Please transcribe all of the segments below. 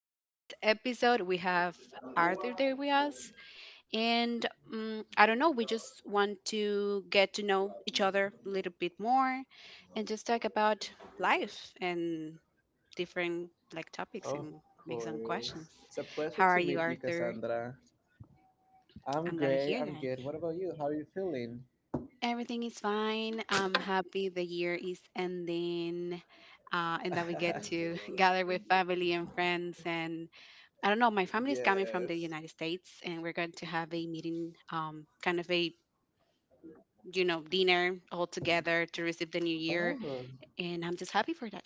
In this episode, we have Arthur there with us, and I don't know, we just want to get to know each other a little bit more and just talk about life and different like topics and make some questions. How are you, Arthur? I'm glad to hear that. Everything is fine. I'm happy the year is ending, and that we get to gather with family and friends and I don't know. My family is coming from the United States, and we're going to have a meeting, kind of a dinner all together to receive the new year, and I'm just happy for that.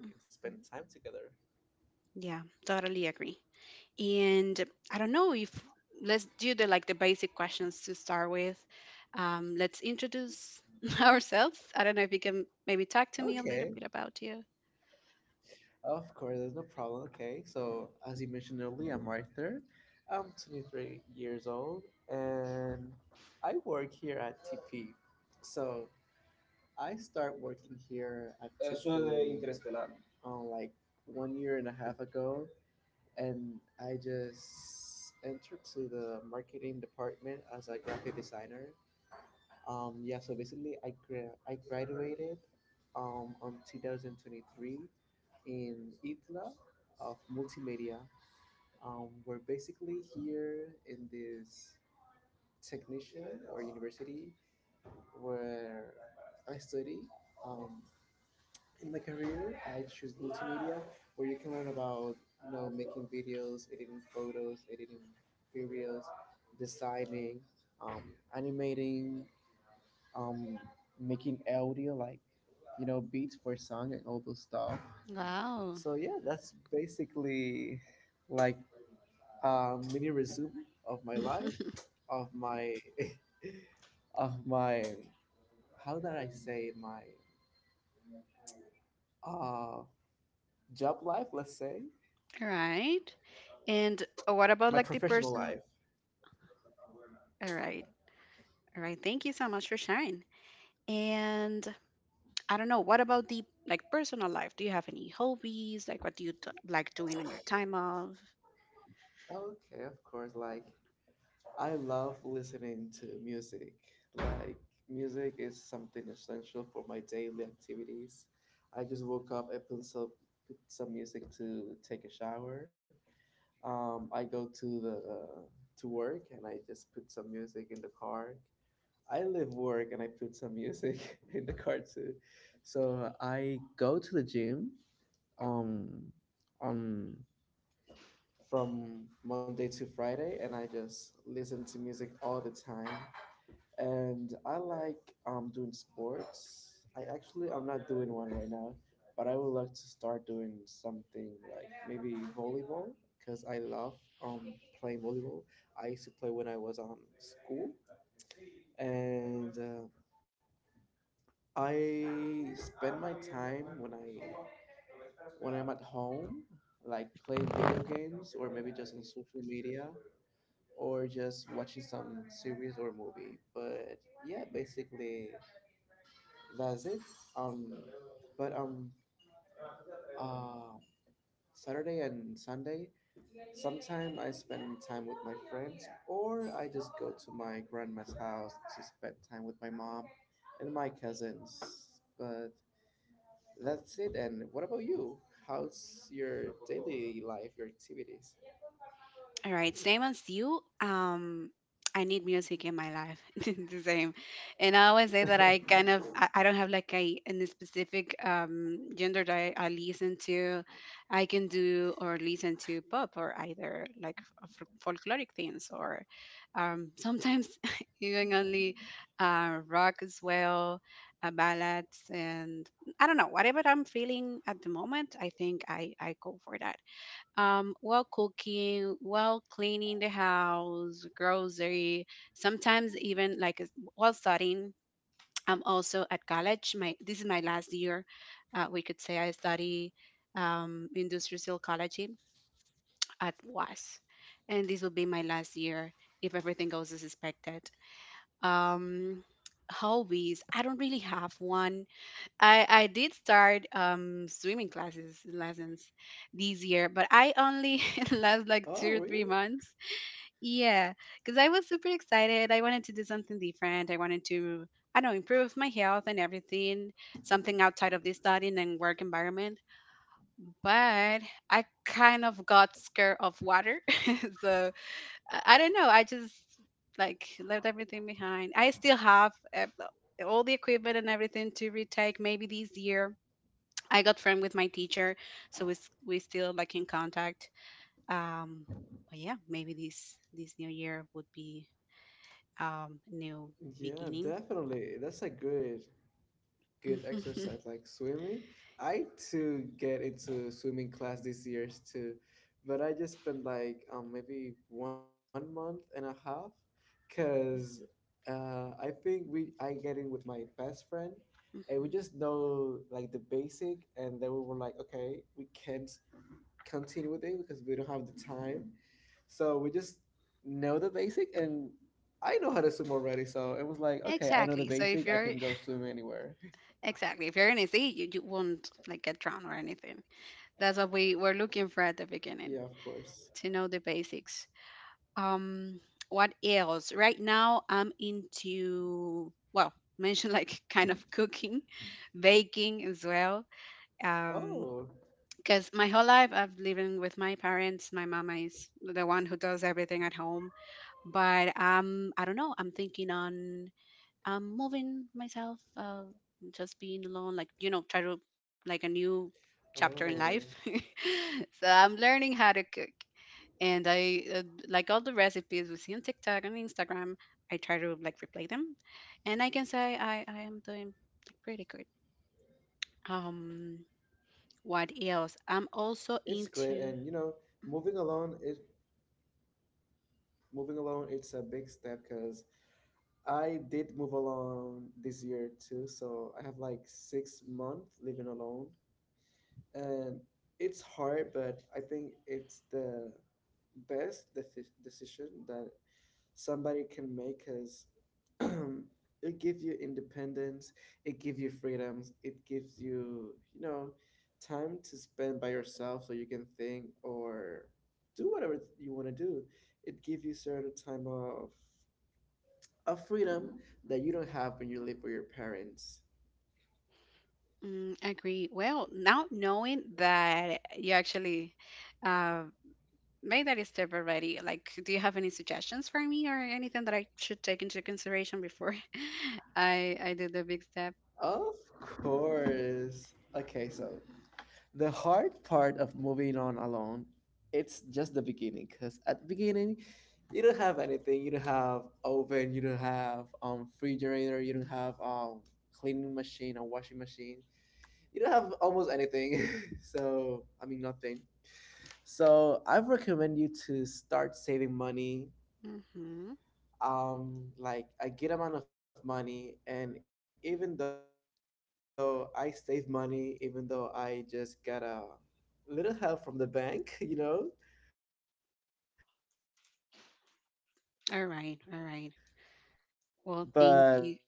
Mhm. Yeah, totally agree. And I don't know if let's do the like the basic questions to start with. Let's introduce ourselves. I don't know if you can maybe talk to me a little bit about you. Wow. All right. And what about like the personal? All right. All right. Thank you so much for sharing. And I don't know, what about the like personal life? Do you have any hobbies? Like what do you like doing on your time off? All right, same as you. I need music in my life. the same, and I always say that I kind of I don't have like a any specific gender that I listen to. I can do or listen to pop or either like folkloric things or sometimes even only rock as well, ballads and I don't know whatever I'm feeling at the moment. I think I go for that while cooking, while cleaning the house, grocery, sometimes even like while studying. I'm also at college. My this is my last year. We could say I study industrial psychology at WAS, and this will be my last year if everything goes as expected. Um, hobbies. I don't really have one. I did start swimming classes lessons this year, but I only last like 2 or 3 months. Yeah, because I was super excited. I wanted to do something different. I wanted to I don't know improve my health and everything, something outside of this studying and work environment. But I kind of got scared of water, so I don't know. I just like left everything behind. I still have all the equipment and everything to retake maybe this year. I got friend with my teacher, so we still like in contact. Um, but yeah, maybe this new year would be new beginning. Mhm. Exactly. So if you're exactly if you're in a sea, you won't like get drowned or anything. That's what we were looking for at the beginning to know the basics. Um, what else? Right now, I'm into well mentioned like kind of cooking, baking as well. Um, Because my whole life I've living with my parents. My mama is the one who does everything at home. But I don't know. I'm thinking on moving myself, just being alone, like try to like a new chapter in life. so I'm learning how to cook, and I like all the recipes we see on TikTok and Instagram. I try to like replay them, and I can say I am doing pretty good. Um, what else? I'm also into Mm, agree. Well, now knowing that you actually uh, made that step already, like, do you have any suggestions for me or anything that I should take into consideration before I do the big step? Mm-hmm. All right, all right. Well, thank you.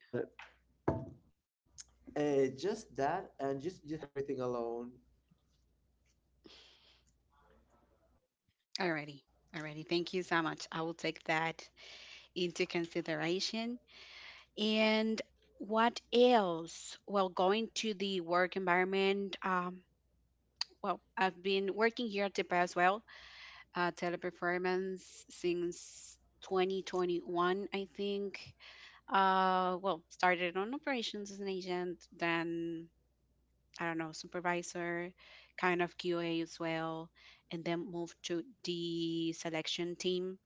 Alrighty, alrighty. Thank you so much. I will take that into consideration. And what else? Well, going to the work environment. Well, I've been working here at the past well teleperformance since 2021, I think. Well, started on operations as an agent, then I don't know, supervisor, kind of QA as well, and then moved to the selection team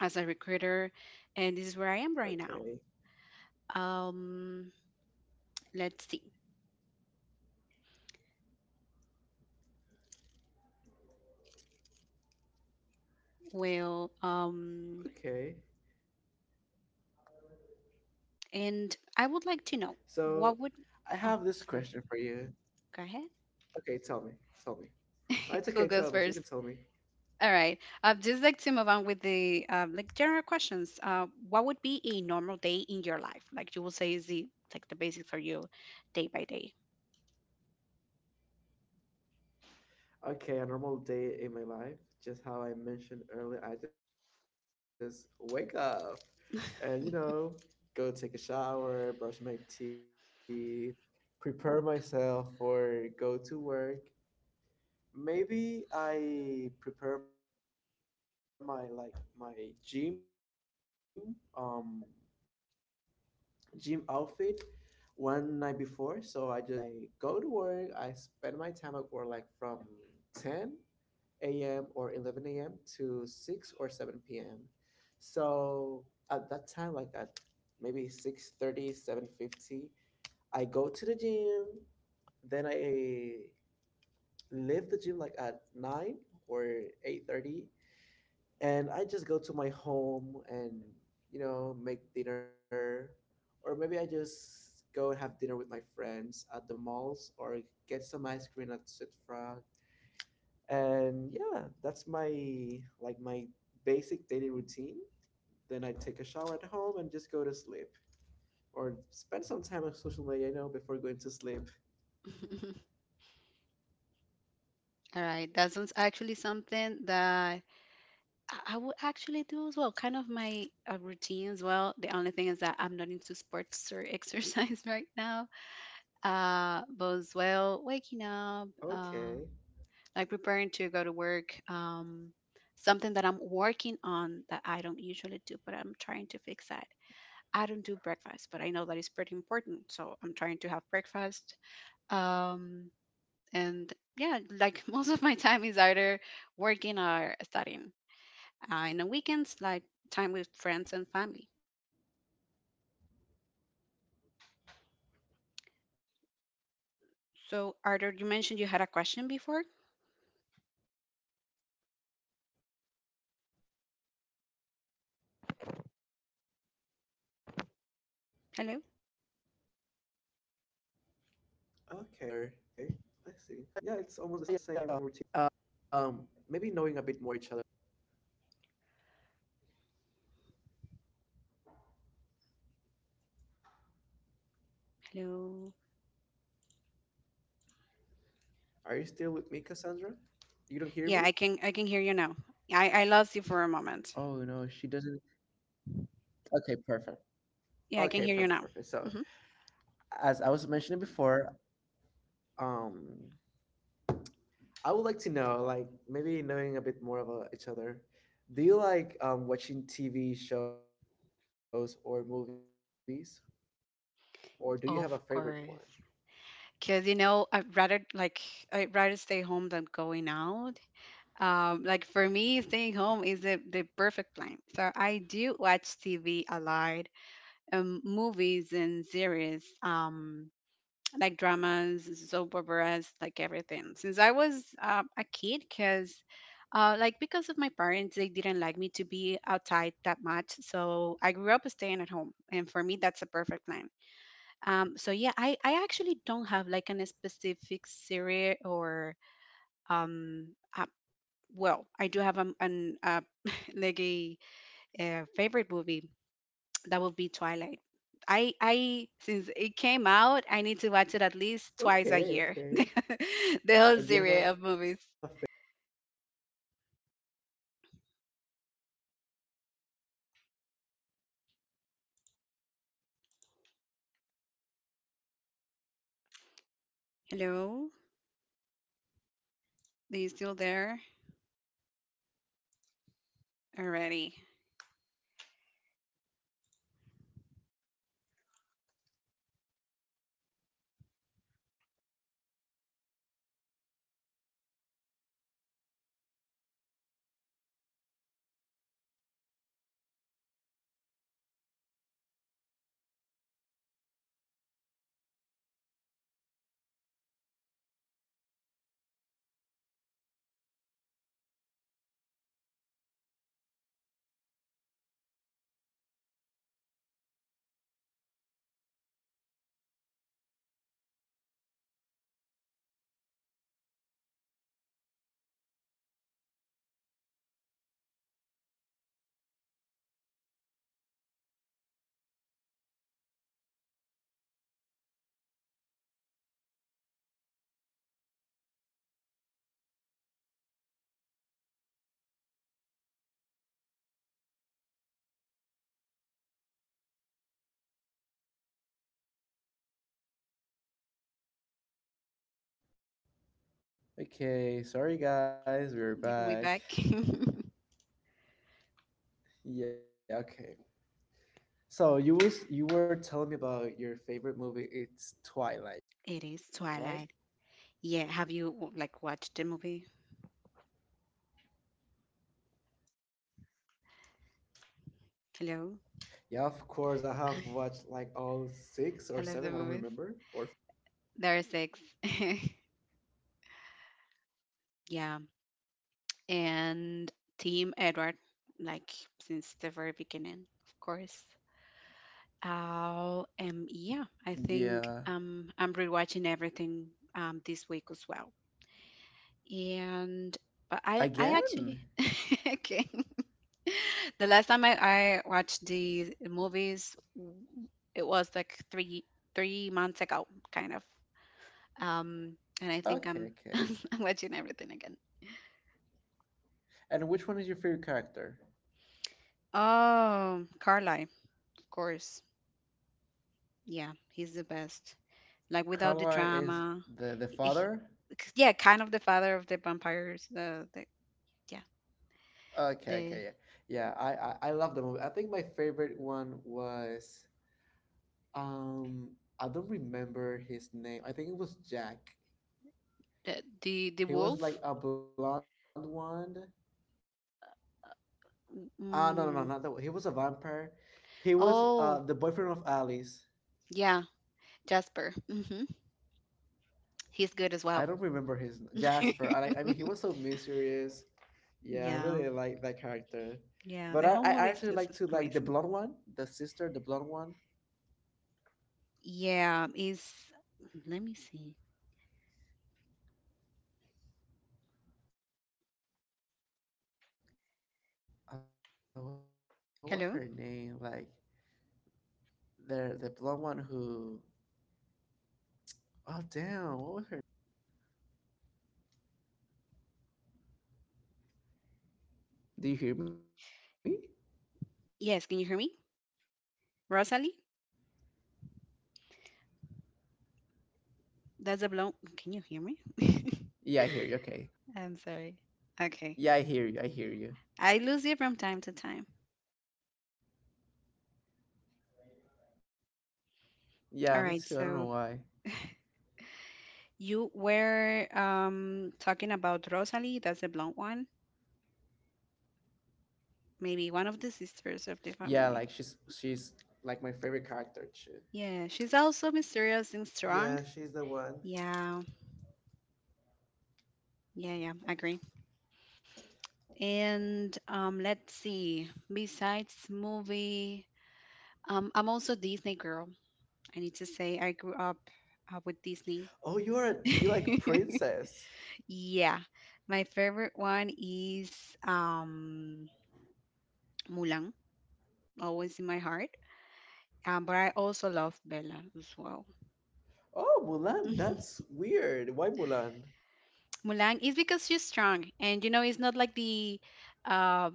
as a recruiter, and this is where I am right now. Um, let's see. Well, and I would like to know what would. Oh, sorry. Go ahead. Who goes 1st? All right. I'd just like to move on with the like general questions. What would be a normal day in your life? Like you will say is the like the basic for you, day by day. All right. That sounds actually something that I would actually do as well. Kind of my routine as well. The only thing is that I'm not into sports or exercise right now. But as well, waking up, like preparing to go to work. Something that I'm working on that I don't usually do, but I'm trying to fix that. I don't do breakfast, but I know that it's pretty important, so I'm trying to have breakfast. Um, and yeah, like most of my time is either working or studying. And on weekends, like time with friends and family. So, Arthur, you mentioned you had a question before. Hello, hello. Yeah, I can hear you now. I lost you for a moment. Yeah, I can hear you now. Mm-hmm. Of course. Because, you know, I'd rather stay home than going out. Like for me, staying home is the perfect plan. So I do watch TV a lot, movies and series, like dramas, soap operas, like everything. Since I was a kid, because because of my parents, they didn't like me to be outside that much. So I grew up staying at home, and for me, that's a perfect plan. So yeah, I actually don't have like an a specific series or um uh, well, I do have an a favorite movie that would be Twilight. I since it came out, I need to watch it at least twice a year. the whole series of movies. Hello, are you still there? Already, Okay, sorry guys, we're we back. back. it Yeah, okay. So you were telling me about your favorite movie. It's Twilight, right? is Twilight. Yeah, have you like watched the movie? Yeah, of course. I have watched like all six Hello, or seven. I don't remember, or five. I love the movies. There are six. Yeah. Okay, I have watched all of And them. Team Edward, like since the very beginning, of course. Yeah, Yeah, I think I'm rewatching everything this week as well. And but I, again. I actually okay. the last time I watched the movies, it was like three months ago, kind of. Um, and I think Okay, I'm okay. I'm watching everything. And which one is your favorite character? Oh, Carly, of course. Yeah, he's the best. Like without the Carla is drama. the I- he- father. yeah, kind of the father of the vampires. The yeah, Okay, the okay, yeah, yeah. I love the movie. I think my favorite one was. Um, I don't remember his name. I think it was Jack. the He wolf. was like a blonde one. Ah, no, no, no, Mm. not that one. He was a vampire. He was Oh, the boyfriend of Alice. yeah, Jasper. He's good as well. I don't remember his Jasper. I like- I mean, he was so mysterious. Yeah, I Yeah, really like that character. yeah. The But whole I movie is just actually like to amazing. like the blonde one, the sister, the blonde one. Yeah, is let me see. What was her name? Like the blonde one who. Hello? Oh damn! What was her name? Yeah, here. Do you hear me? Yes, can you hear me? Rosalie? Yeah, I hear you. Okay. Yeah, That's a blow. Rosalie. Can you I hear really me? like that one too. I'm sorry. Okay. Yeah, I hear you. I hear you. I lose you from time to time. Yeah, All me right. too. I don't know So why. you were talking about Rosalie, that's a blonde one, maybe one of the sisters of the Yeah, family. like she's like my favorite character too. Yeah, she's also mysterious and strong. Yeah, she's the one. Yeah, yeah, yeah, agree. And let's see. Besides movie, I'm also Disney girl. I need to say I grew up with Disney. Oh, you are a- you Yeah, like my favorite princess. one is um Mulan, always in my heart. But I also love Bella as well. Oh, Mulan. Mhm. That's weird. Why Mulan? Mulan is because she's strong, and you know, it's not like the. Uh,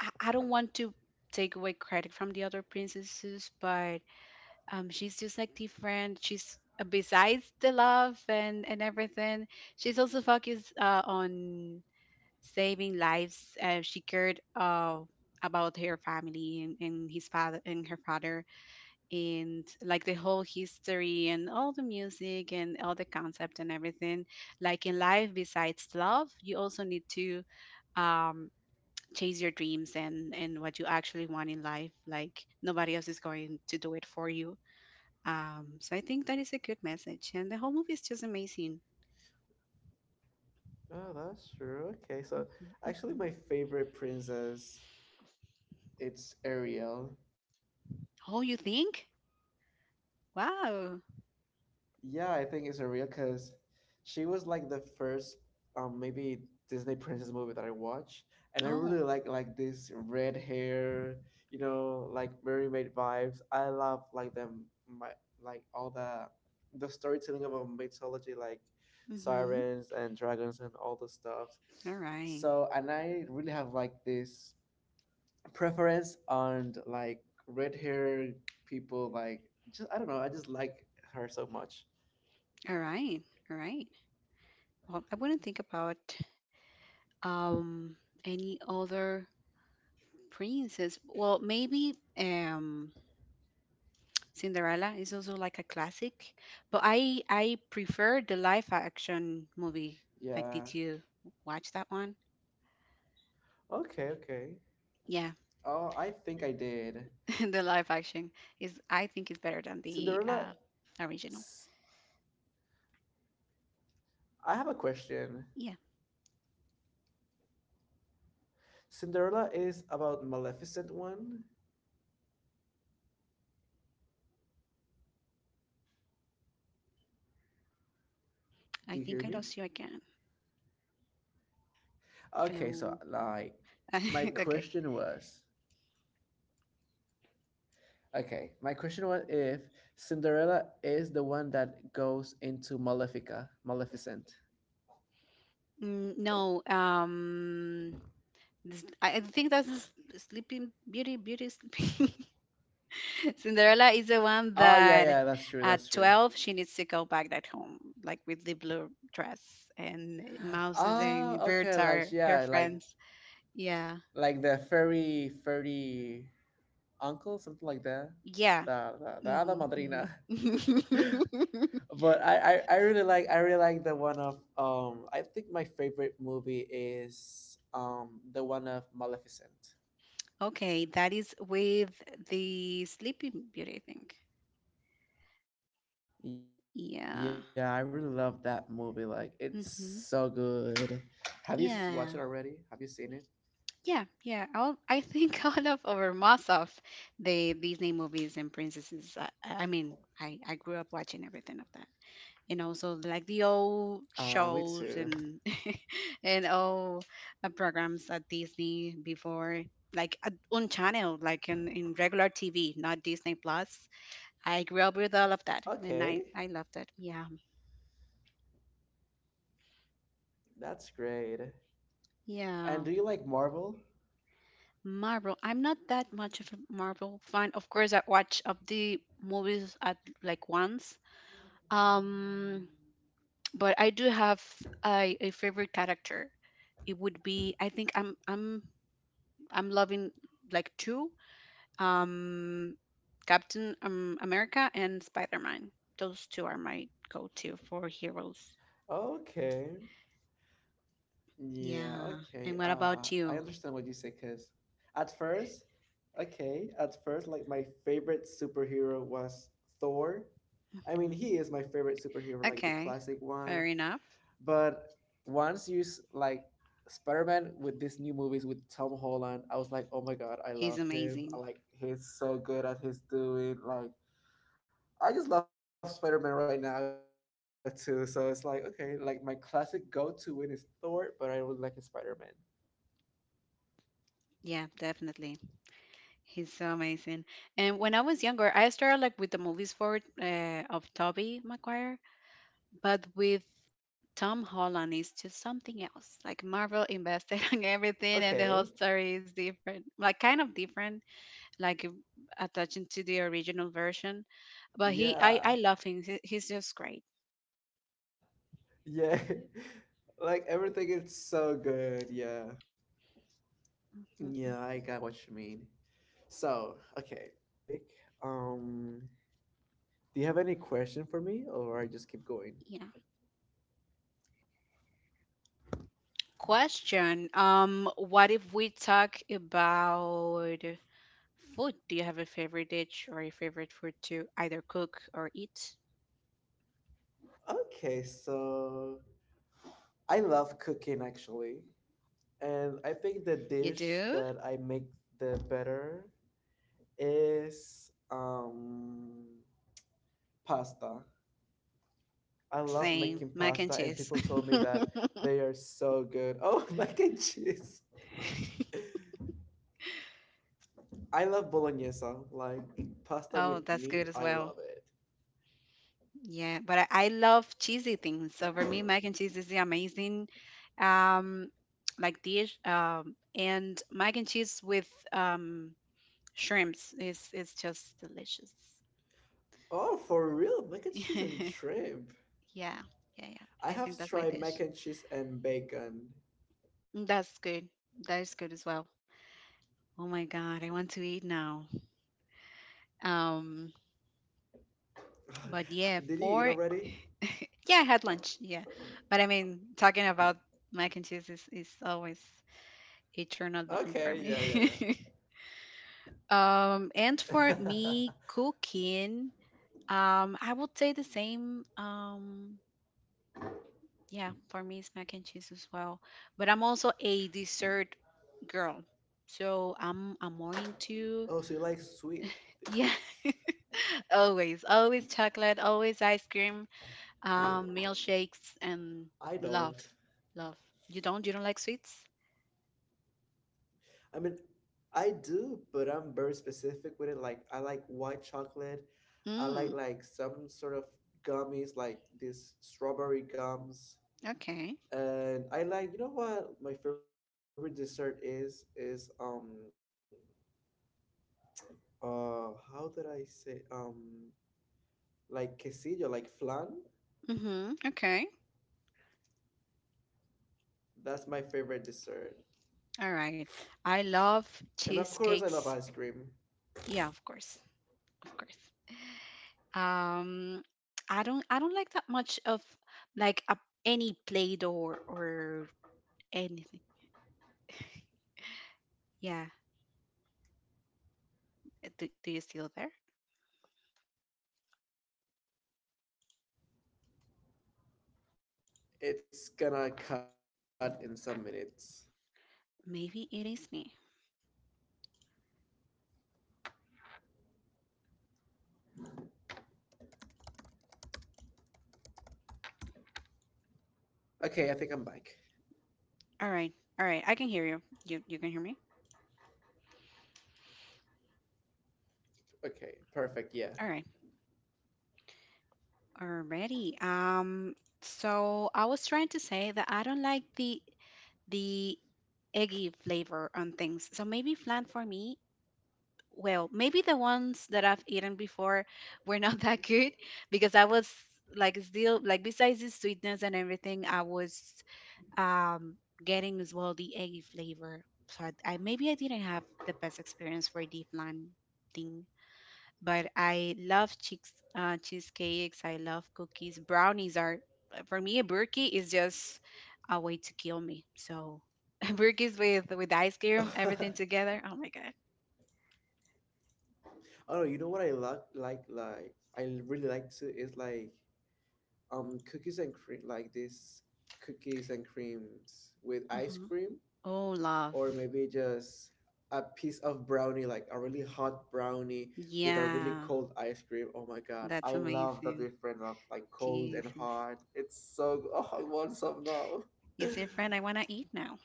I don't want to take away credit from the other princesses, but she's just like different. She's besides the love and everything, she's also focused on saving lives. She cared about her family and his father and her father, and like the whole history and all the music and all the concept and everything. Like in life, besides love, you also need to um, chase your dreams and what you actually want in life. Like nobody else is going to do it for you. So I think that is a good message, and the whole movie is just amazing. Oh, that's true. Okay, so hmm actually, hmm my favorite princess it's Ariel. Oh, you think? Wow. Yeah, I think it's surreal because she was like the first maybe Disney princess movie that I watched, and I Oh. really like this red hair, you know, like mermaid vibes. I love like them my like all the storytelling of a mythology like Mm-hmm. sirens and dragons and all the stuff. All right. So and I really have like this preference on like red hair people like just I don't know, I just like her so much. All right. All right. Well, I wouldn't think about um any other princess. Well, maybe Cinderella is also like a classic, but I prefer the live action Yeah. movie. Like, did you watch that one? Okay, okay. Oh, Yeah, I think I did. the live action is I think is better than Cinderella. the S- original. I have a question. Yeah, Cinderella is about Maleficent one. I think I lost you again. Do you hear me? Hello. Okay, so like, okay. my question was. Okay, my question was if Cinderella is the one that goes into Malefica, Maleficent. Mm, no. I think that's Sleeping Beauty, Beauty Sleeping. Cinderella is the one Oh yeah, that yeah, that's true, that's at true. 12 she needs to go back at home, like with the blue dress, and mouses and Oh, okay, birds like are her yeah, friends. Yeah. like the fairy uncle, something like that. Yeah. The hada hmm hmm madrina. But I really like, I really like the one of I think my favorite movie is the one of Maleficent. okay, that is with the Sleeping Beauty, I think. Yeah, I Yeah. really love that movie. Like it's hmm so good. Have you s- watched Yeah. it already? Have you seen it? Yeah, yeah. I think all of over most of the Disney movies and princesses. I mean, I grew up watching everything of that, and also like the old Me shows too. and and all programs at Disney before, like on channel, like in regular TV, not Disney Plus. I grew up with all of that, and I Okay, loved it. Yeah, that's great. And yeah. do you like Marvel? Marvel. I'm not that much of a Marvel fan. Of course, I watch of the movies at like once. Um, but I do have a favorite character. It would be I think I'm loving like two. Um, Captain America and Spider Man. Those two are my go-to for heroes. Okay. Yeah, Yeah. okay. And what about I you? understand what you say, cause at first. Okay, at first, like my favorite superhero was Thor. I mean, Hmm he is my favorite superhero, like the Okay. classic one. Fair enough. But once you s- like Spider-Man with these new movies with Tom Holland, I was like, oh my god, I He's love him. I amazing. like he's so good at his doing. Like I just love Spider-Man right now too. So it's like okay, like my classic go-to win is Thor, but I really like his Spider-Man. Yeah, definitely. He's so amazing. And when I was younger, I started like with the movies for of Tobey Maguire, but with Tom Holland is just something else. Like Marvel invested on everything, and the whole story is different, like kind of different, like Okay, attaching to the original version. But he, I love him. He's just great. yeah. Yeah. Like everything is so good. Yeah. Mhm, mhm. Yeah, I got what you mean. So, okay. Moving on, maybe a bit of the movie topic. Yeah. Um, do you have any question for me or I just keep going? Question. What if we talk about? Food. Do you have a favorite dish or a favorite food to either cook or eat? Okay, so I love cooking actually. And I think the You dish do? that I make the better is um pasta. I love Same. making Mac and pasta, and cheese. people told me that they are so good. Oh, mac and cheese. I love bolognese, like pasta Oh, with that's good meat. as I well. love it. Yeah, but I love cheesy things. So for me, mac and cheese is the amazing um like dish. And mac and cheese with shrimps is just delicious. Oh, for real, mac and cheese and shrimp. Yeah, yeah, yeah. I I think have that's my tried mac dish. and cheese and bacon. That's good. That is good as well. Oh my God, I want to eat now. Um, Did you eat already? but yeah, four. Yeah, I had lunch. Yeah, but I mean, talking about mac and cheese is always Okay, yeah, a turn on button yeah, for me. Yeah. And for me, cooking. I would say the same. Yeah, for me, it's mac and cheese as well. But I'm also a dessert girl, so I'm more Oh, so into you like sweet yeah. things? always always chocolate always ice cream. Milkshakes and I love, don't. love. You don't like sweets? I mean, I do, but I'm very specific with it. Like, I like white chocolate. I Mm, like some sort of gummies, like these strawberry gums. okay. And I like, you know what my favorite dessert is? Is how did I say like quesillo, like flan. Mm-hmm. Okay. That's my favorite dessert. All right. I love And of course, I love cheesecakes. ice cream. Yeah, of course. Of course. Um, Aha, I cheesecake. don't I Yeah, don't like that cheesecake. much of like a, any play or anything. Yeah. Do you still there? I think it's gonna cut in some minutes. Maybe it is me. Okay, I think I'm back. All right. All right. I can hear you. You can hear me? Okay, perfect. Yeah. All right. Alrighty. So I was trying to say that I don't like the eggy flavor on things. So maybe flan for me, well, maybe the ones that I've eaten before were not that good because I was like still like besides the sweetness and everything, I was um getting as well the eggy flavor. So I maybe I didn't have the best experience for the flan thing, but I love cheese, cheesecakes. I love cookies. Brownies are, for me, a burki is just a way to kill me. So burkis with ice cream, everything together. Oh my god. Oh, no, you know what I like I really like to is like cookies and cream, like this cookies and creams with ice Hmm cream, Oh, or love. maybe just a piece of brownie, like a really hot brownie with a really Yeah, cold ice cream. Oh my God, I that's love the amazing. difference of like cold and Jesus. hot. It's so go- oh, I want some now. You see, friend, I wanna eat now.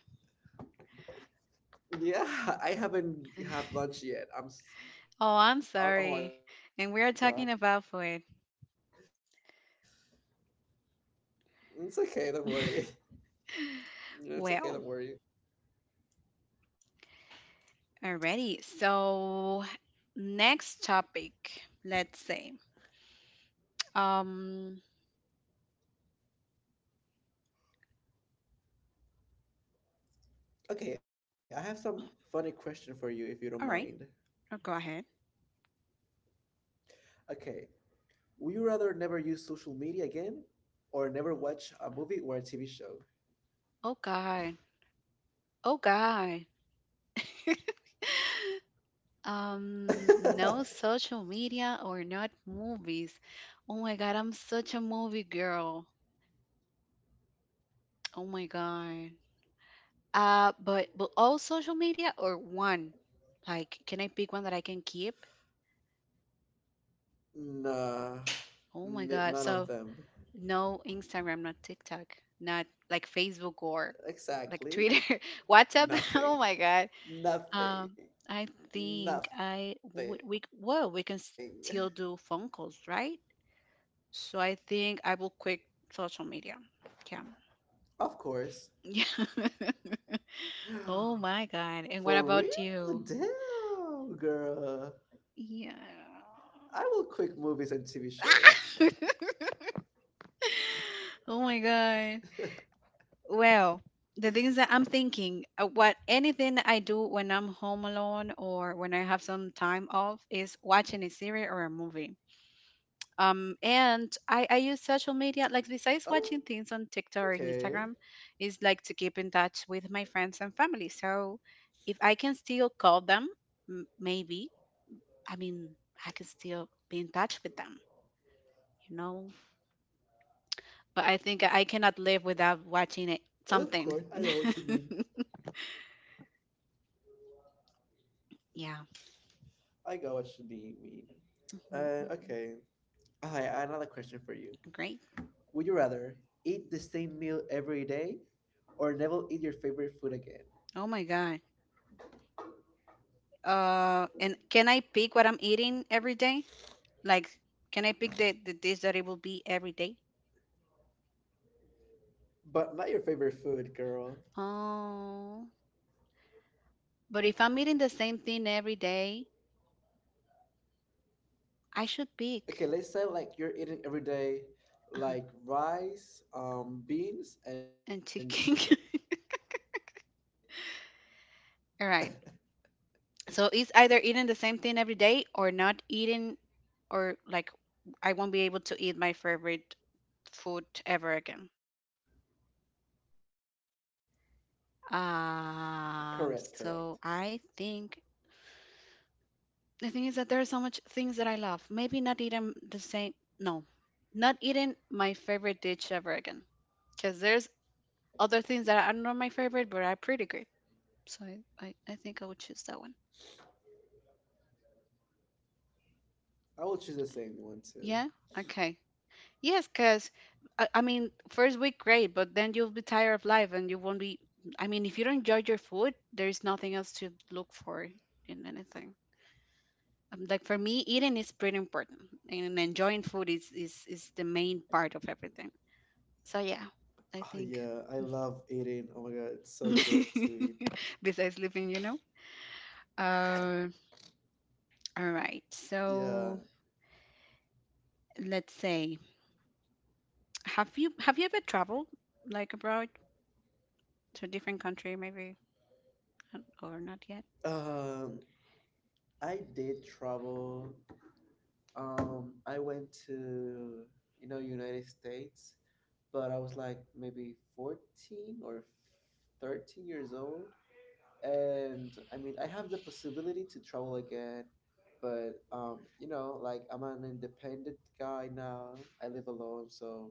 Yeah, I haven't have lunch yet. I'm s- oh Oh, oh my I'm God. sorry. And we are talking about food. It's okay, don't worry. Yeah, it's okay, don't worry. Well, already. So, next topic, let's say. Um. Okay, I have some funny question for you if you don't All right. mind. Oh, go ahead. Okay, would you rather never use social media again or never watch a movie or a TV show? Oh God. Oh God. No social media or not movies. Oh my God. I'm such a movie girl. Oh my God. But all social media or one. Like, can I pick one that I can keep? nah, Oh my God. So n- none of them. no Instagram, not TikTok, not like Facebook or like Twitter, Exactly. WhatsApp. oh my God. Nothing. Um, I Nothing. think I Nothing. would we well we can still do phone calls, right? So I think I will quit social media. Of Yeah. course. Yeah. Oh For my God. And what real? about you? Damn, girl. Yeah. I will quit movies and TV shows. Ah! Oh my God. Well, the things that I'm thinking, what anything that I do when I'm home alone or when I have some time off is watching a series or a movie. And I use social media, like besides Okay, watching things on TikTok or Instagram, is like to keep in touch with my friends and family. So if I can still call them, maybe, I mean, I can still be in touch with them, you know? But I think I cannot live of course, without I know watching what you it, mean. something. yeah. I got what you de- mean. Okay, Mhm, mhm. I another question for you. Would you Great. rather eat the same meal every day or never eat your favorite food again? Oh my God. And can I pick what I'm eating every day? Like, can I pick the dish that it will be every. But not your favorite food, girl. Oh, but if I'm eating the same thing every day, I should Okay, pick let's say like you're eating every day uh like rice, beans, and and chicken. chicken. All right. So it's either eating the same thing every day or not eating, or like I won't be able to eat my favorite food ever again. Correct, correct. So I think the thing is that there are so much things that I love. Maybe not eating the same, no, not eating my favorite dish ever again. Because there's other things that are not my favorite, but are pretty good. So I think I would choose that one. I will choose the same one too. Yeah? Okay. Yes, because I mean, first week, great, but then you'll be tired of life and you won't be. I mean, if you don't enjoy your food, there's nothing else to look for in anything. Like for me, eating is pretty important, and enjoying food is the main part of everything. So yeah, Oh I yeah, think. I love eating. Oh my god, it's so good to eat. Besides sleeping, you know. Uh, all right. Yeah. So let's say, have you ever traveled like abroad? To a different country, maybe, or not yet. Um, I did travel. I went to you know United States, but I was like maybe 14 or f- 13 years old, and I mean I have the possibility to travel again, but you know like I'm an independent guy now. I live alone, so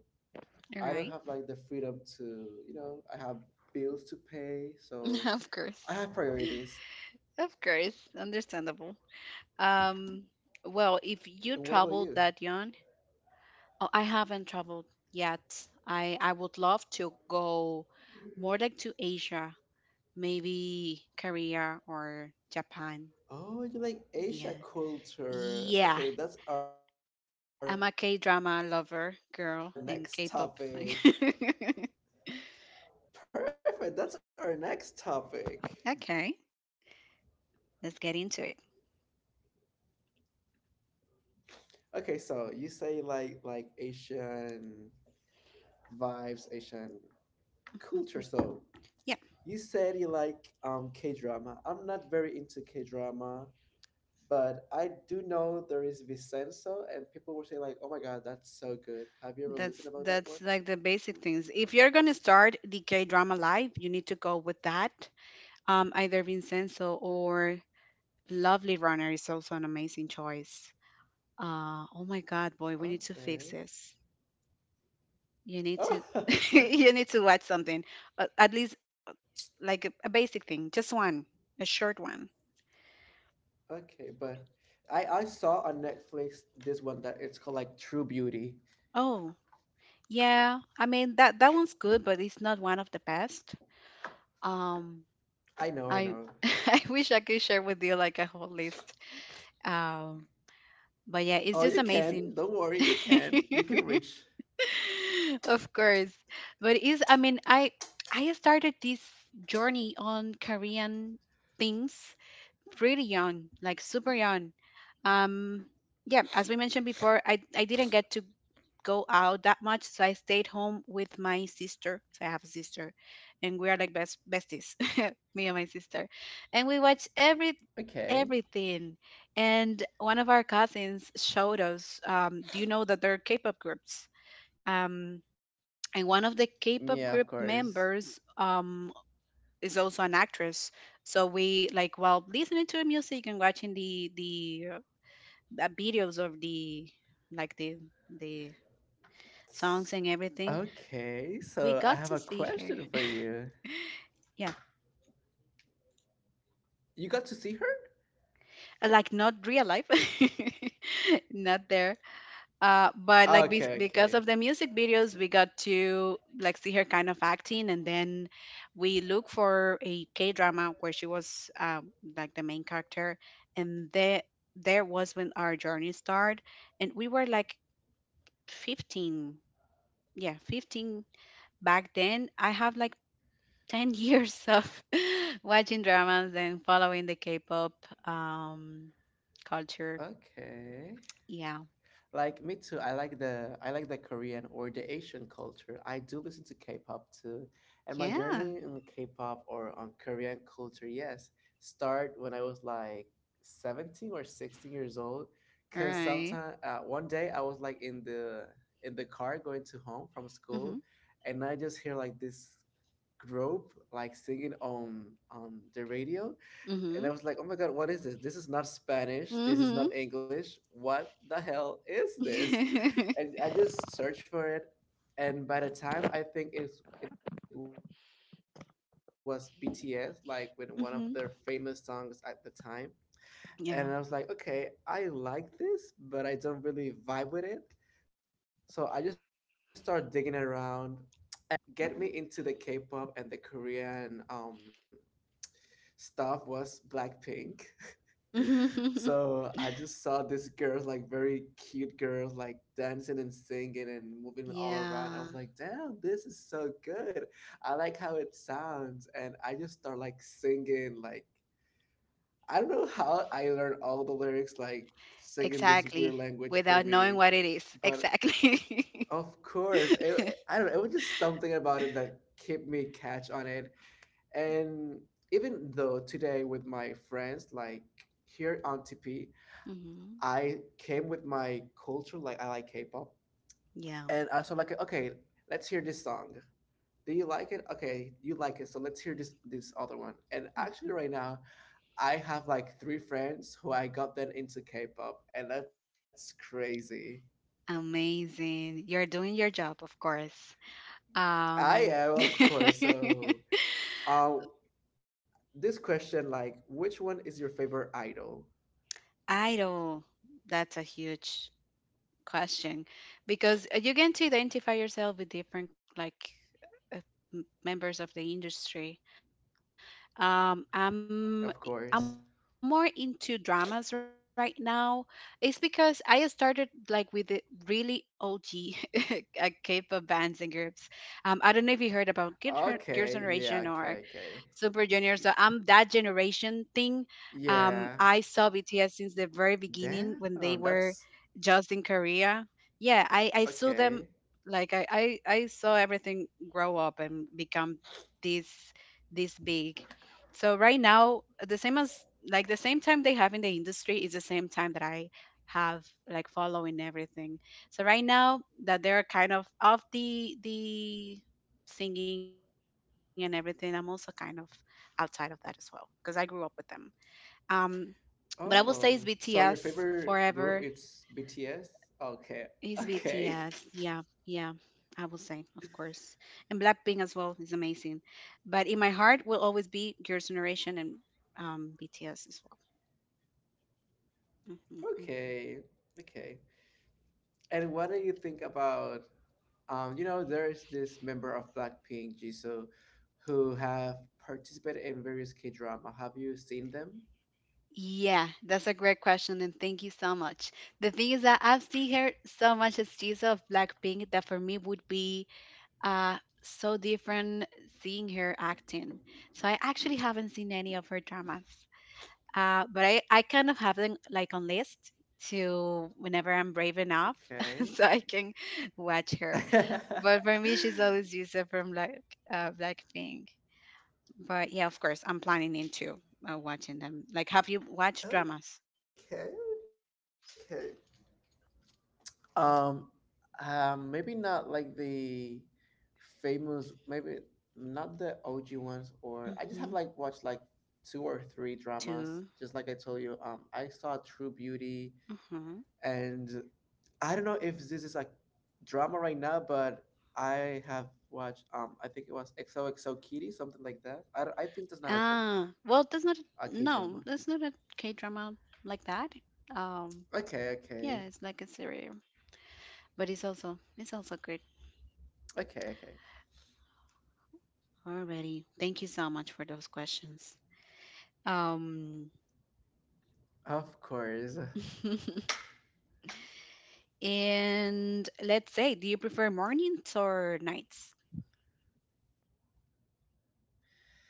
All I don't right. have like the freedom to, you know, I have bills to pay, so Of I course. have priorities. Of course, understandable. Um, well, if you And what about traveled you? that young, oh, I haven't traveled yet. I would love to go more like to Asia, maybe Korea or Japan. Oh, you like Asia Yeah. culture. Yeah, Okay, that's our next I'm a topic. K-drama lover, girl, and K-pop. Perfect. That's our next topic. Okay, let's get into it. Okay, so you say like Asian vibes, Asian culture. So Mhm. Yeah. you said you like K-drama. I'm not very into K-drama, but I do know there is Vincenzo and people were saying like, "Oh my God, that's so good." Have you ever That's listened about that that's one? like the basic things. If you're gonna start the K drama live, you need to go with that. Either Vincenzo or Lovely Runner is also an amazing choice. Oh my God, boy, we need to fix this. Okay. You need to you need to watch something, at least like a basic thing, just one, a short one. Okay, but I saw on Netflix this one that it's called like True Beauty. Oh yeah, I mean that one's good, but it's not one of the best. Um, I know, I I know. I wish I could share with you like a whole list. Um, but yeah, it's Oh, just you can. amazing. Don't worry, you can. You can reach. Of course. But it's I started this journey on Korean things pretty young, like super young. Um, yeah, as we mentioned before, I didn't get to go out that much, so I stayed home with my sister. So I have a sister, and we are like best besties, me and my sister, and we watch Okay. everything. And one of our cousins showed us. Do you know that there are K-pop groups? Um, and one of the Yeah, of K-pop course. group members is also an actress. So we like while listening to the music and watching the videos of the like the S- songs and everything, okay, we so I got have to a see her. question for you. Yeah, You got to see her? Like not real life, not there, but like Okay, because okay. of the music videos, we got to like see her kind of acting, and then we look for a K drama where she was like the main character, and there was when our journey started, and we were like 15, yeah, 15 back then. I have like 10 years of watching dramas and following the K-pop um, culture. Okay. Yeah, Like me too. I like the Korean or the Asian culture. I do listen to K-pop too. And my yeah, journey in K-pop or on Korean culture, yes, start when I was like 17 or 16 years old. All Cause right. sometime one day I was like in the car going to home from school and I just hear like this group like singing on the radio Mm-hmm. and I was like, "Oh my god, what is this? This is not Spanish. This is Mhm. not English. What the hell is this?" mhm. And I just searched for it, and by the time I think it was BTS, like with one of their famous songs at the time, Yeah. and I was like, "Okay, I like this, but I don't really vibe with it." So I just started digging around, and the like the first group that get me into the K-pop and the Korean stuff was Blackpink. Mhm. So I just saw this girl, like very cute girl, like dancing and singing and moving all around. I yeah. was like, damn, this is so good. I like how it sounds. And I just start like singing, like, I don't know how I learned all the lyrics, like singing this Exactly. weird language for Without knowing me. what it is. But Exactly. of course, it, I don't know, it was just something about it that kept me catch on it and even though today with my friends, like here on TP, mhm. I came with my culture, like I like K-pop, Yeah. and I was like, okay, let's hear this song. Do you like it? Okay, you like it, so let's hear this other one. And actually, Mhm. right now, I have like three friends who I got them into K-pop, and that's crazy. Amazing. You're doing your job, of course. I Um am, of course. So, um, this question, like, which one is your favorite idol? idol. That's a huge question because you get to identify yourself with different like uh, members of the industry. um Of course. i'm I'm more into dramas right now. It's because I started like with the really OG K-pop bands and groups. Um, I don't know if you Okay, heard yeah, about okay, okay. Girls' Generation or Super Junior. So I'm that Yeah. generation thing. I Damn, saw BTS since the that's very beginning when they were just in Korea. okay. Yeah, I saw them like I saw everything grow up and become this this big. So right now, the same as like the same time they have in the industry is the same time that I have like following everything. So right now that they're kind of off the singing and everything, I'm also kind of outside of that as well because I grew up with them. Um, but I will say it's Oh, so BTS your favorite forever. group is BTS? Okay. It's Okay. BTS. Yeah, yeah. I will say, of course. And Blackpink as well is amazing. But in my heart will always be Girls' Generation and BTS as well. Hmm, hmm. Okay. Okay. And what do you think about you know there's this member of Blackpink, Jisoo, who have participated in various K-drama. Have you seen them? Yeah, that's a great question, and thank you so much. The thing is that I've seen her so much as teaser of Blackpink that for me would be so different seeing her acting. So I actually haven't seen any of her dramas, but I kind of have them like on list to whenever I'm brave enough, so I can Okay. watch her. But for me, she's always Yusa from like Blackpink. But yeah, of course, I'm planning into watching them. Like, have you watched dramas? Okay, okay. Um, Maybe not like the famous, maybe not the OG ones, or I just have Mm-hmm. like watched like two or three dramas. Two. Just like I told you, I saw True Beauty, Mm-hmm. and I don't know if this is like drama right now, but I have watched. I think it was XOXO Kitty, something like that. I think that's not a drama, That's not a- a no, K that's drama. not a K drama like that. Um, Okay, Yeah, it's okay, like a cereal, but it's also good. okay, okay. Alrighty, thank you so much for those questions. Um, Of course. and let's say, do you prefer mornings or nights?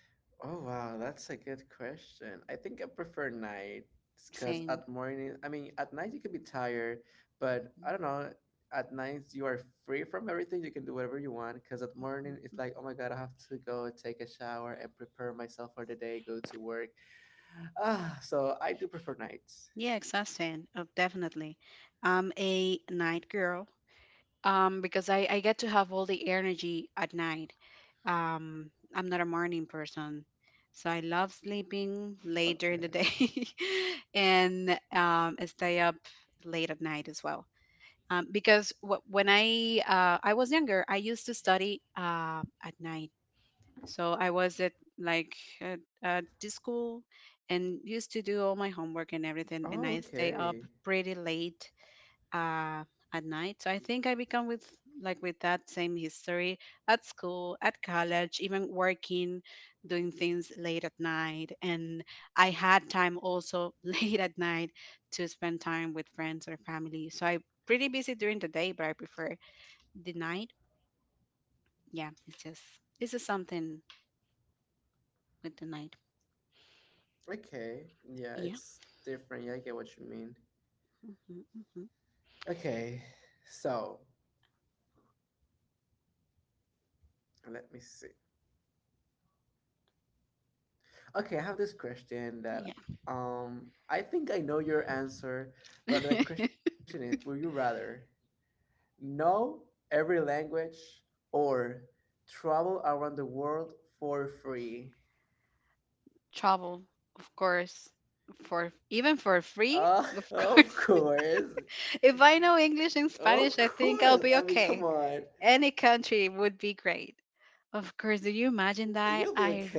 Oh wow, that's a good question. I think I prefer nights because at Same. morning, I mean, at night you can be tired, but I don't Mhm, know. At night you are free from everything. You can do whatever you want. Because at mhm, morning it's like, mhm. oh my god, I have to go take a shower and prepare myself for the day, go to work. Ah, so I do prefer nights. Yeah, exhausting. Oh, definitely. I'm a night girl. Because I get to have all the energy at night. I'm not a morning person, so I love sleeping late during Okay. the day and I stay up late at night as well. Because when I was younger, I used to study at night. So I was at like Oh, at, at okay. the school and used to do all my homework and everything, and I stay up pretty late uh, at night. So I think I become with like with that same history at school, at college, even working, doing things late at night. And I had time also late at night to spend time with friends or family. So I'm pretty busy during the day, but I prefer the night. Yeah, it's just something with the night. Okay. Yeah, it's Yeah. different. Yeah, I get what you mean. Hmm, hmm. Okay, so let me see. Okay, I have this question that Yeah. I think I know your answer, but the question is, would you rather know every language or travel around the world for free? Travel, of course, for even for free, Uh, of of course. course. If I know English and Of Spanish, I think I'll course. be I mean, come okay. on. Any country would be great. You'll be Of course, do okay, you of imagine that? course. I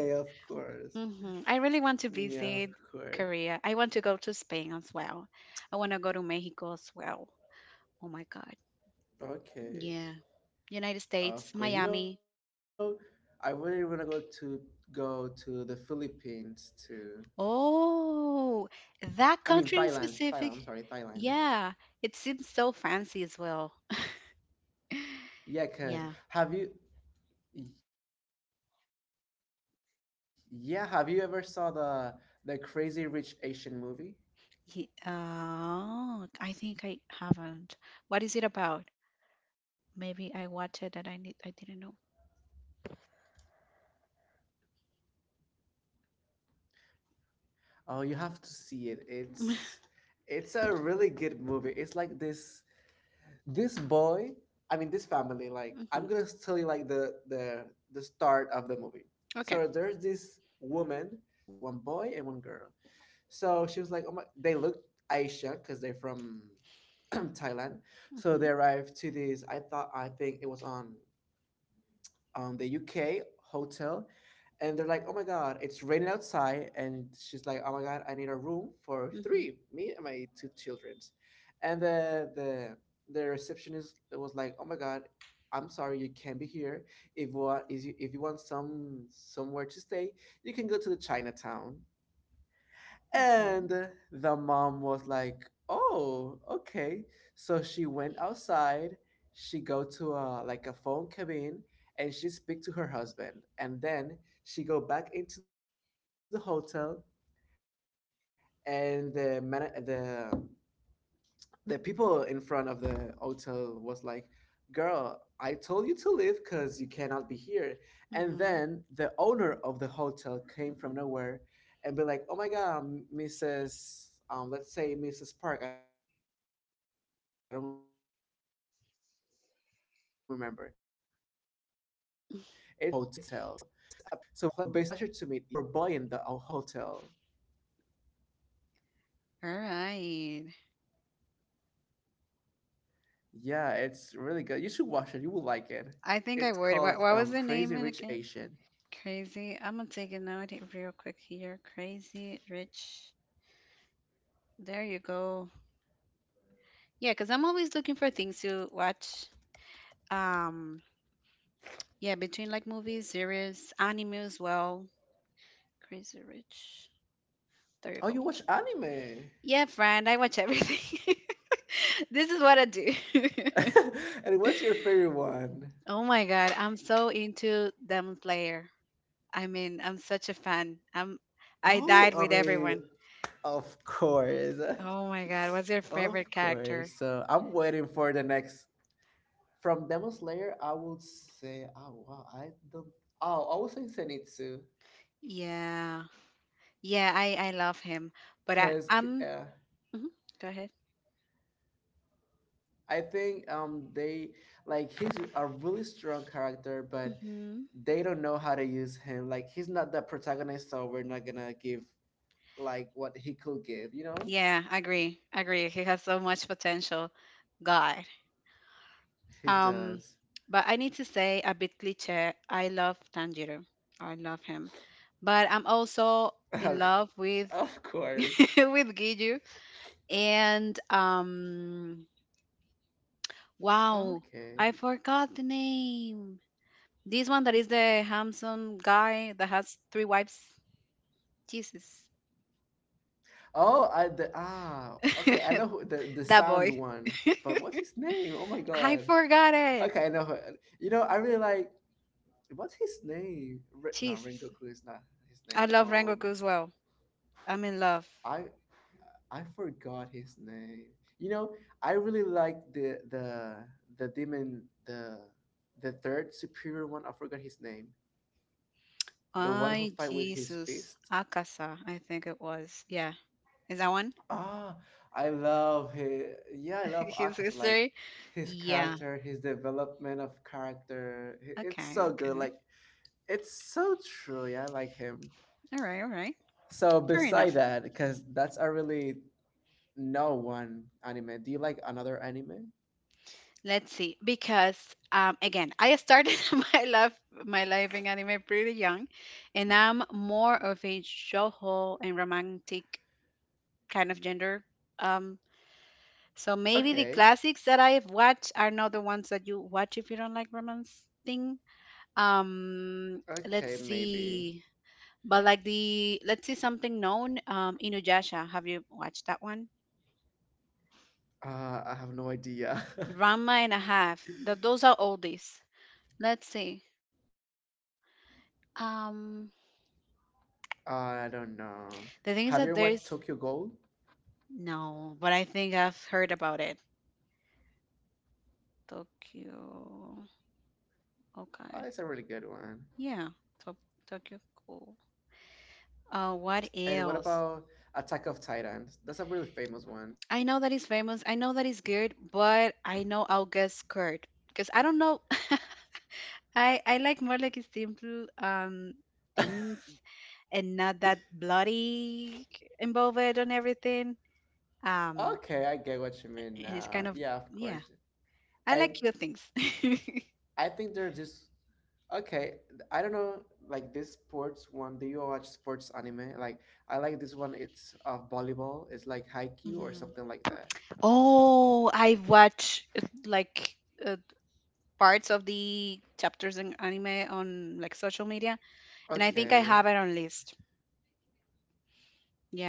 Yeah, of mhm. I really want to course. visit Korea. I want to go to Spain as well. I want to go to Mexico as well. Oh my god. Okay. Yeah. United Of course. You States, know, Miami. I really want to go to the Philippines too. Oh, I mean that Thailand, country Thailand. in I'm sorry, specific. Thailand. Yeah, it seems so fancy as well. Yeah, cause Yeah. have you? Yeah, have you ever saw the Crazy Rich Asian movie? Ye- oh, I think I haven't. What is it about? Maybe I watched it that I need I didn't know. Oh, you have to see it. It's a really good movie. It's like this boy. I mean, this family. Like, I'm Hmm. gonna tell you like the start of the movie. Okay. So there's this woman to arrive to this hotel. You know, with her two kids, one boy and one girl. So she was like, "Oh my!" They looked Asia because they're from Thailand. So Hmm, they arrived to this. I think it was on the UK hotel, and they're like, "Oh my god, it's raining outside!" And she's like, "Oh my god, I need a room for hmm, three, me and my two children." And the receptionist was like, "Oh my god." I'm sorry, you can't be here. If what is you, if you want some somewhere to stay, you can go to the Chinatown. hmm, And the mom was like, "Oh, okay." So she went outside. She go to a like a phone cabin, and she speak to her husband. And then she go back into the hotel, and the man, the people in front of the hotel was like, "Girl, I told you to leave because you cannot be here." And then hmm. the owner of the hotel came from nowhere and be like, "Oh my God, Mrs." Let's say Mrs. Park. I don't remember. It's a pleasure to meet you. Thank you for your generosity and thank you for buying the whole hotel. So basically, the mom buy the whole hotel. All right. Yeah, it's really good. You should watch it. You will I like it. think I worded. What It's was the called name it again? Crazy Rich Asian. Crazy. I'm gonna take a note here real quick here. Crazy Rich. There you go. Yeah, because I'm always looking for things to watch. Um. Yeah, between like movies, series, anime as well. Crazy Rich. There you Oh, go. you watch anime. Yeah, friend. I watch everything. This is what I do. And what's your favorite one? Oh my God, I'm so into Demon Slayer. I mean, I'm such a fan. I Oh, died I with mean, everyone. of course. Oh my God, what's your favorite Of course. character? So I'm waiting for the next. From Demon Slayer, I would say, oh, wow, I don't. Oh, I would say Zenitsu. Yeah. Yeah, I love him. But I Because, I'm uh, mhm, go ahead. I think they like he's a really strong character, but Mhm. they don't know how to use him. Like he's not the protagonist, so we're not gonna give like what he could give. You know, Yeah, I agree. I agree. He has so much potential. God. he Um does. but I need to say a bit cliche. I love Tanjiro. I love him. But I'm also in love with of course. with Giju. And Okay. wow, I forgot the name. This one that is the handsome guy that has three wives. Jesus. Oh, I the ah. Okay, I know who, the sound That boy. one, but what's his name? Oh my god. I forgot Okay, I it. know. Who, you know, I really like. What's his name? No, Jesus. Rengoku is not his name. I love Rengoku as well. I'm in love. I I forgot his name. You know, I really like the demon the third superior one. I forgot his name. The one who Ay, fight with his Jesus. fist. Akasa, I think it was. Yeah. Is that one? Ah, I love his. Yeah, I love His Akas. Like history? his Yeah. character, his development of character. It's Okay, so good. okay. Like it's so true. Yeah, I like him. All right, all right. So Fair beside enough. that, because that's a really no one anime. Do you like another anime? Let's see, because again, I started my love my life in anime pretty young, and I'm more of a shoujo and romantic kind of gender. Um, so maybe the Okay. classics that I've watched are not the ones that you watch if you don't like romance thing. Let's Okay, maybe. see, but like the let's see something known, Inuyasha. Have you watched that one? I have no idea. Ranma and a half. That those are oldies. Let's see. I don't know. Um, Have you ever watched Tokyo Gold? The thing is that there's no, but I think I've heard about it. Oh, it's a really Tokyo. good one. Okay. Yeah. To- Tokyo And what cool. about Attack of Titans? What That's a really else? famous one. I know that it's famous. I know that it's good, but I know I'll get scared because I don't know. I like more like simple things and not that bloody involved on everything. Okay, Um, I get what you mean and now. it's Yeah, kind of of course. yeah. And I like cute things. I think they're just okay. I don't know, like this sports one. Do you watch sports anime? Like I like this one. It's of volleyball. It's like Haikyuu or Mhm. something like that. Oh, I've watched like uh, parts of the chapters in anime on like social media, and I think I Okay, have it on list.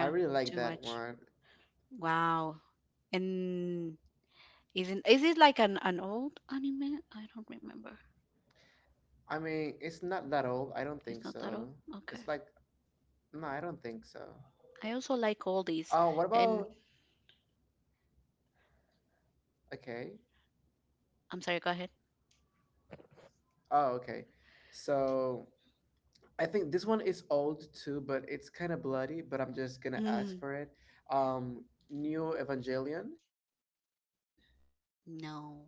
I really like to that watch. one. Wow. And isn't is it like an old anime? I don't remember. I mean, it's not that old. I don't think It's not that so. old. Okay. It's like, no, I don't think so. I also like all these. Oh, what And about, okay. I'm sorry. Go ahead. Oh, okay. So I think this one is old too, but it's kind of bloody, but I'm just gonna ask Mm, for it. Um, New Evangelion? no.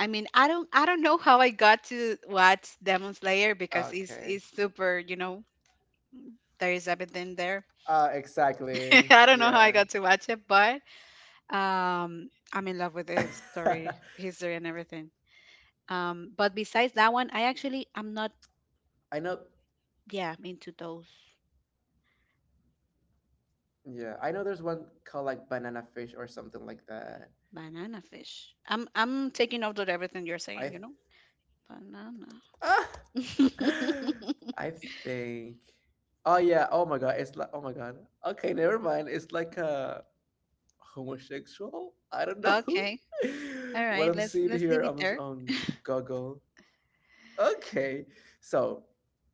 I mean, I don't know how I Okay. got to watch Demon Slayer because it's super, you know, there is Exactly. everything there. Yeah. I don't know how I got to watch it, but I'm in love with the story, history, and everything. But besides that one, I actually I'm I not know, yeah into those yeah, I know there's one called like Banana Fish or something like that. banana fish. I'm taking note of everything you're I, saying. You know, banana. ah! I think. Oh yeah. Oh my god. It's like. Oh my god. Okay. Never mind. It's like a homosexual. I don't know Okay. All what right. I'm seeing Let's here. leave it there. On Google. Okay. So,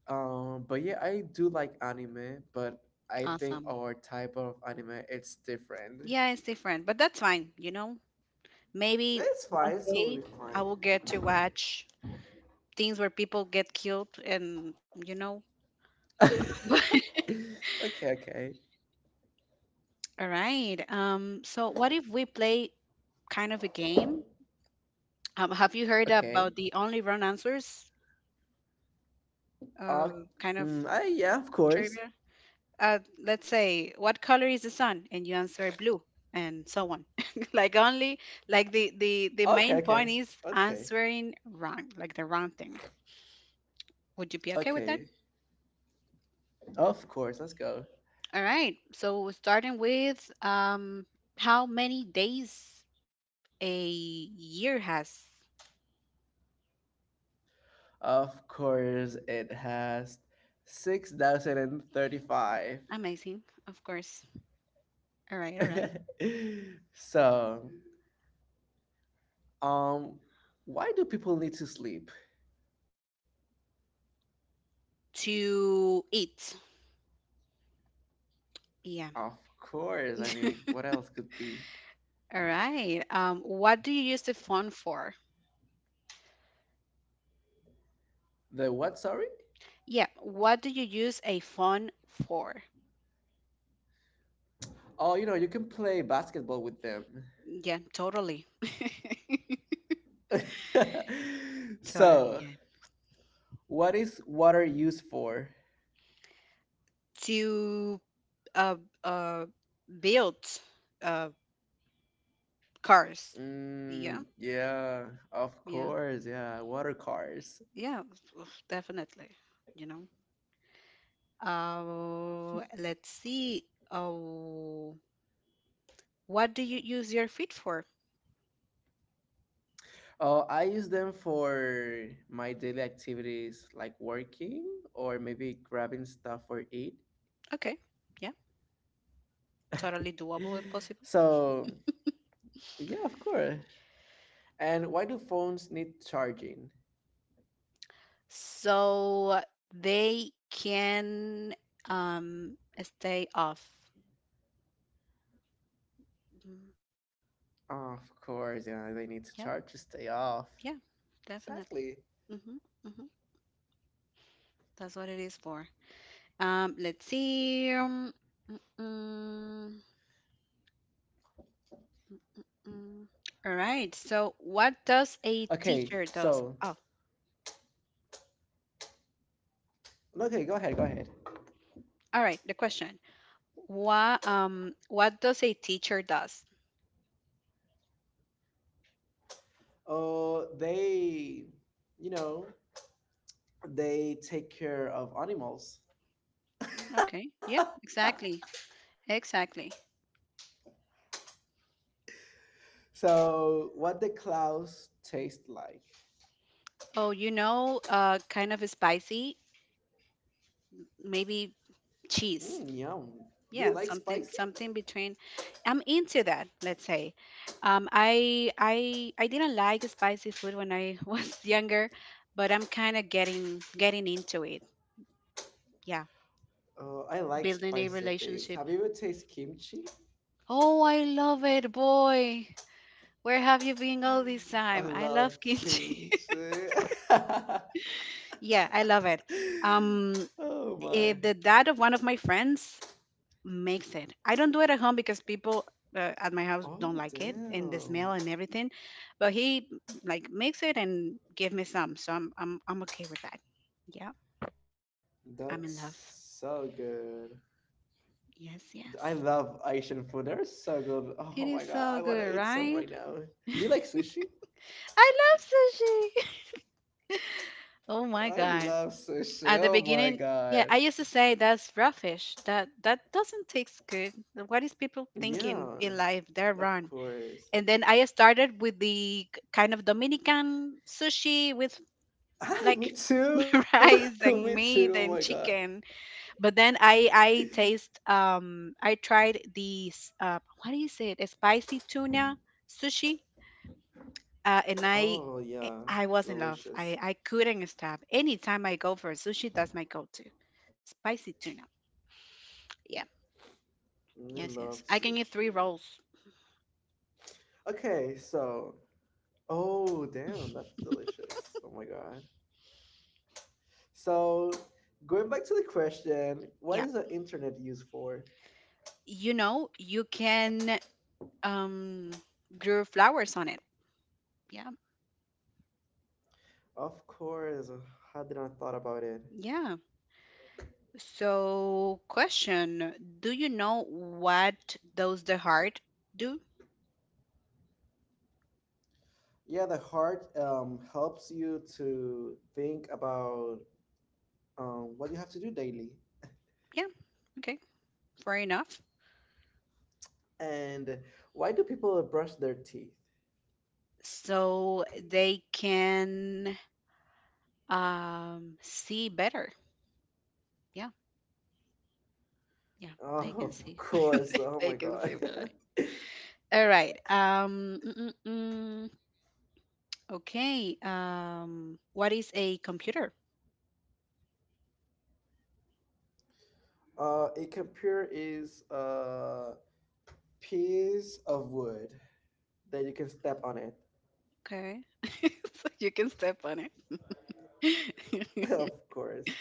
But yeah, I do like anime, but I think Awesome. our type of anime it's different. Yeah, it's different, but that's fine, you know. Maybe It's one fine. It's day totally I fine. will get to watch things where people get killed and you know But okay. Okay. all right, so what if we play kind of a game? Have you heard about Okay. the only wrong answers Uh, uh, kind of mm, yeah. Of course. trivia? uh, let's say what color is the sun and you answer blue and so on, like only like the the Okay, the okay, main point is okay, answering wrong, like the wrong thing. Would you be okay with that? okay. Of course, let's go. All right, so starting with how many days a year has. Of course, it has 6,035. Amazing, of course. All right, all right. so, um, why do people need to sleep? To eat. Yeah. Of course, I mean, All what else could be? right. What do you use the phone for? The what, sorry? Yeah. What do you use a phone for? Oh, you know, you can play basketball with them. Yeah, totally. Totally, so, yeah. what is water used for? To uh uh build uh cars. Yeah, Mm, yeah, of yeah, course. Yeah, water cars. yeah, oof, definitely, you know. Uh, let's see. Oh, what do you use your feet for? Oh, I use them for my daily activities like working or maybe grabbing stuff for eat. Okay. Yeah. Totally doable and possible. So, yeah, of course. And why do phones need charging? So they can um stay off. Of Mm, course, yeah, they need to charge to stay off. yep. Exactly. Yeah. Definitely. Mm-hmm. Mm-hmm. That's what it is for. Let's see. Mm, mm, mm. All right. So what Okay, does a so, teacher does? Oh, no, okay, go ahead, go ahead. all right. The question. What does a teacher does? Oh, they, you know, they take care of animals. Okay. Yeah, exactly. Exactly. so, what the clouds taste like? Oh, you know, kind of spicy, maybe cheese. Mmm, yum. Do you Yeah, like something spicy? something between. I'm into that, let's say. I didn't like spicy food when I was younger, but I'm kind of getting into it. Yeah, Oh, I like building a spicy things. relationship. Have you ever tasted kimchi? Oh, I love it, boy. Where have you been all this I time? I love love kimchi. kimchi. Yeah, I love it. Um, oh the my. dad of one of my friends makes it. I don't do it at home because people at my house don't like it Oh and the smell and damn. everything. But he like makes it and give me some, so I'm okay with that. Yeah, That's I'm in so love. good. I Yes, love yes. Asian food. They're so good. Oh my It god, I is want to so eat some good, right now. right? Do you like sushi? I love sushi. Oh my I god. love sushi. At the Oh my beginning, yeah, god. I used to say that's raw fish. That doesn't taste good. What is people thinking in Yeah, life? They're wrong. of And course. then I started with the k- kind of Dominican sushi with like Ah, me too. rice me and too. Oh meat my and god. chicken. But then I taste I tried these uh, what is it? A spicy tuna sushi. And I Oh I yeah, was in love. I delicious. couldn't stop. Anytime I go for sushi, that's my go-to. Spicy tuna. Yeah. We love sushi. Yes, yes. I can eat three rolls. Okay, so oh damn, that's delicious. Oh my god. So going back to the question, what is the Yeah. internet used for? You know, you can um grow flowers on it. Yeah. Of course, how did I thought about it? Yeah. So, question, do you know what does the heart do? Yeah, the heart helps you to think about what you have to do daily. Yeah. Okay. Fair enough. And why do people brush their teeth? So they can see better. Yeah. Yeah. Oh, They can of see. course. Oh They my can God. see better. All right. Mm, mm, mm. Okay. What is a computer? A computer is a piece of wood that you can step on it. Okay. So you can step on it. of course.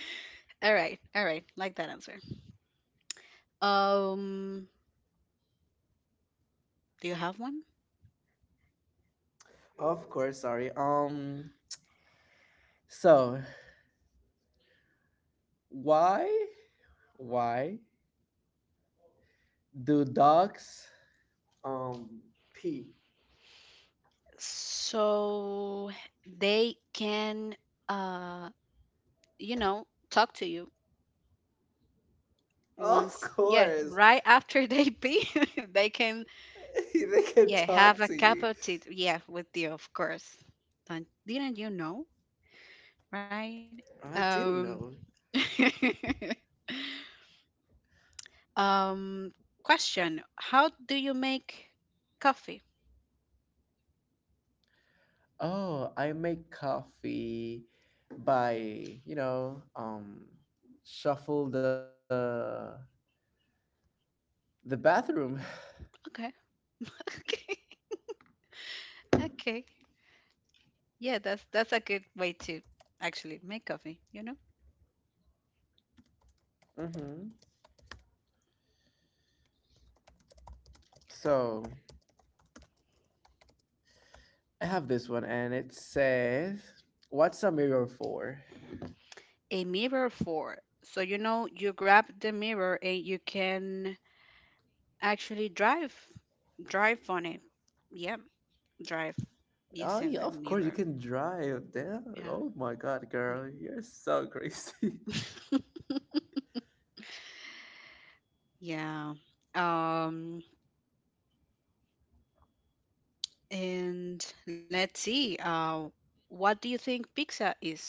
All right. All right. Like that answer. Um Do you have one? Of course. Sorry. So why why do dogs um pee? So they can uh you know, talk to you Of once. Yeah, course, right after they pee they can they can yeah have talk a to cup you. of tea yeah with you, of course. Don't, didn't you know, right? I um didn't know. um Question, how do you make coffee? Oh, I make coffee by, you know, shuffle the bathroom. Okay. Okay, okay, yeah, that's a good way to actually make coffee, you know. hmm. So I have this one, and it says, "What's a mirror for?" A mirror for. So you know, you grab the mirror and you can actually drive on it. Yep, drive Oh using yeah, the of course you mirror. can drive. Damn. Yeah. Oh my God, girl, you're so crazy. Mm. Yeah. Um, and let's see. What do you think pizza is?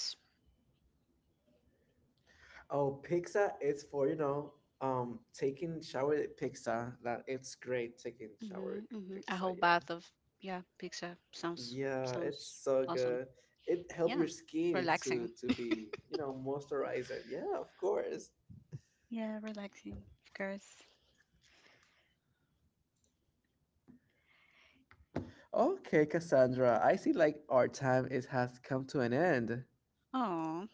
Oh, pizza is for, you know, taking shower pizza. That it's great taking shower Mm-hmm, mm-hmm. A pizza. whole Yeah. bath of yeah, pizza sounds Yeah, it's sounds so awesome. good. It help Yeah, your skin relaxing. to be, you know, moisturized. Yeah, of course. Yeah, relaxing, of course. Okay, Cassandra, I see like our time is has come to an end. Oh,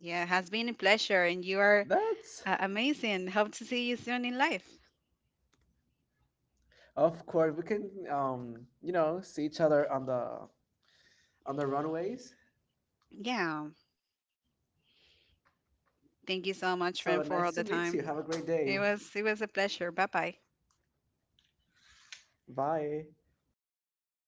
yeah, it has been a pleasure, and That's you are amazing. Hope to see you soon in life. of course we can you know, see each other on the runways. Yeah, So thank you nice to so meet much, you. friend, Have a for all great the day. time. It was a pleasure. Bye bye. Bye.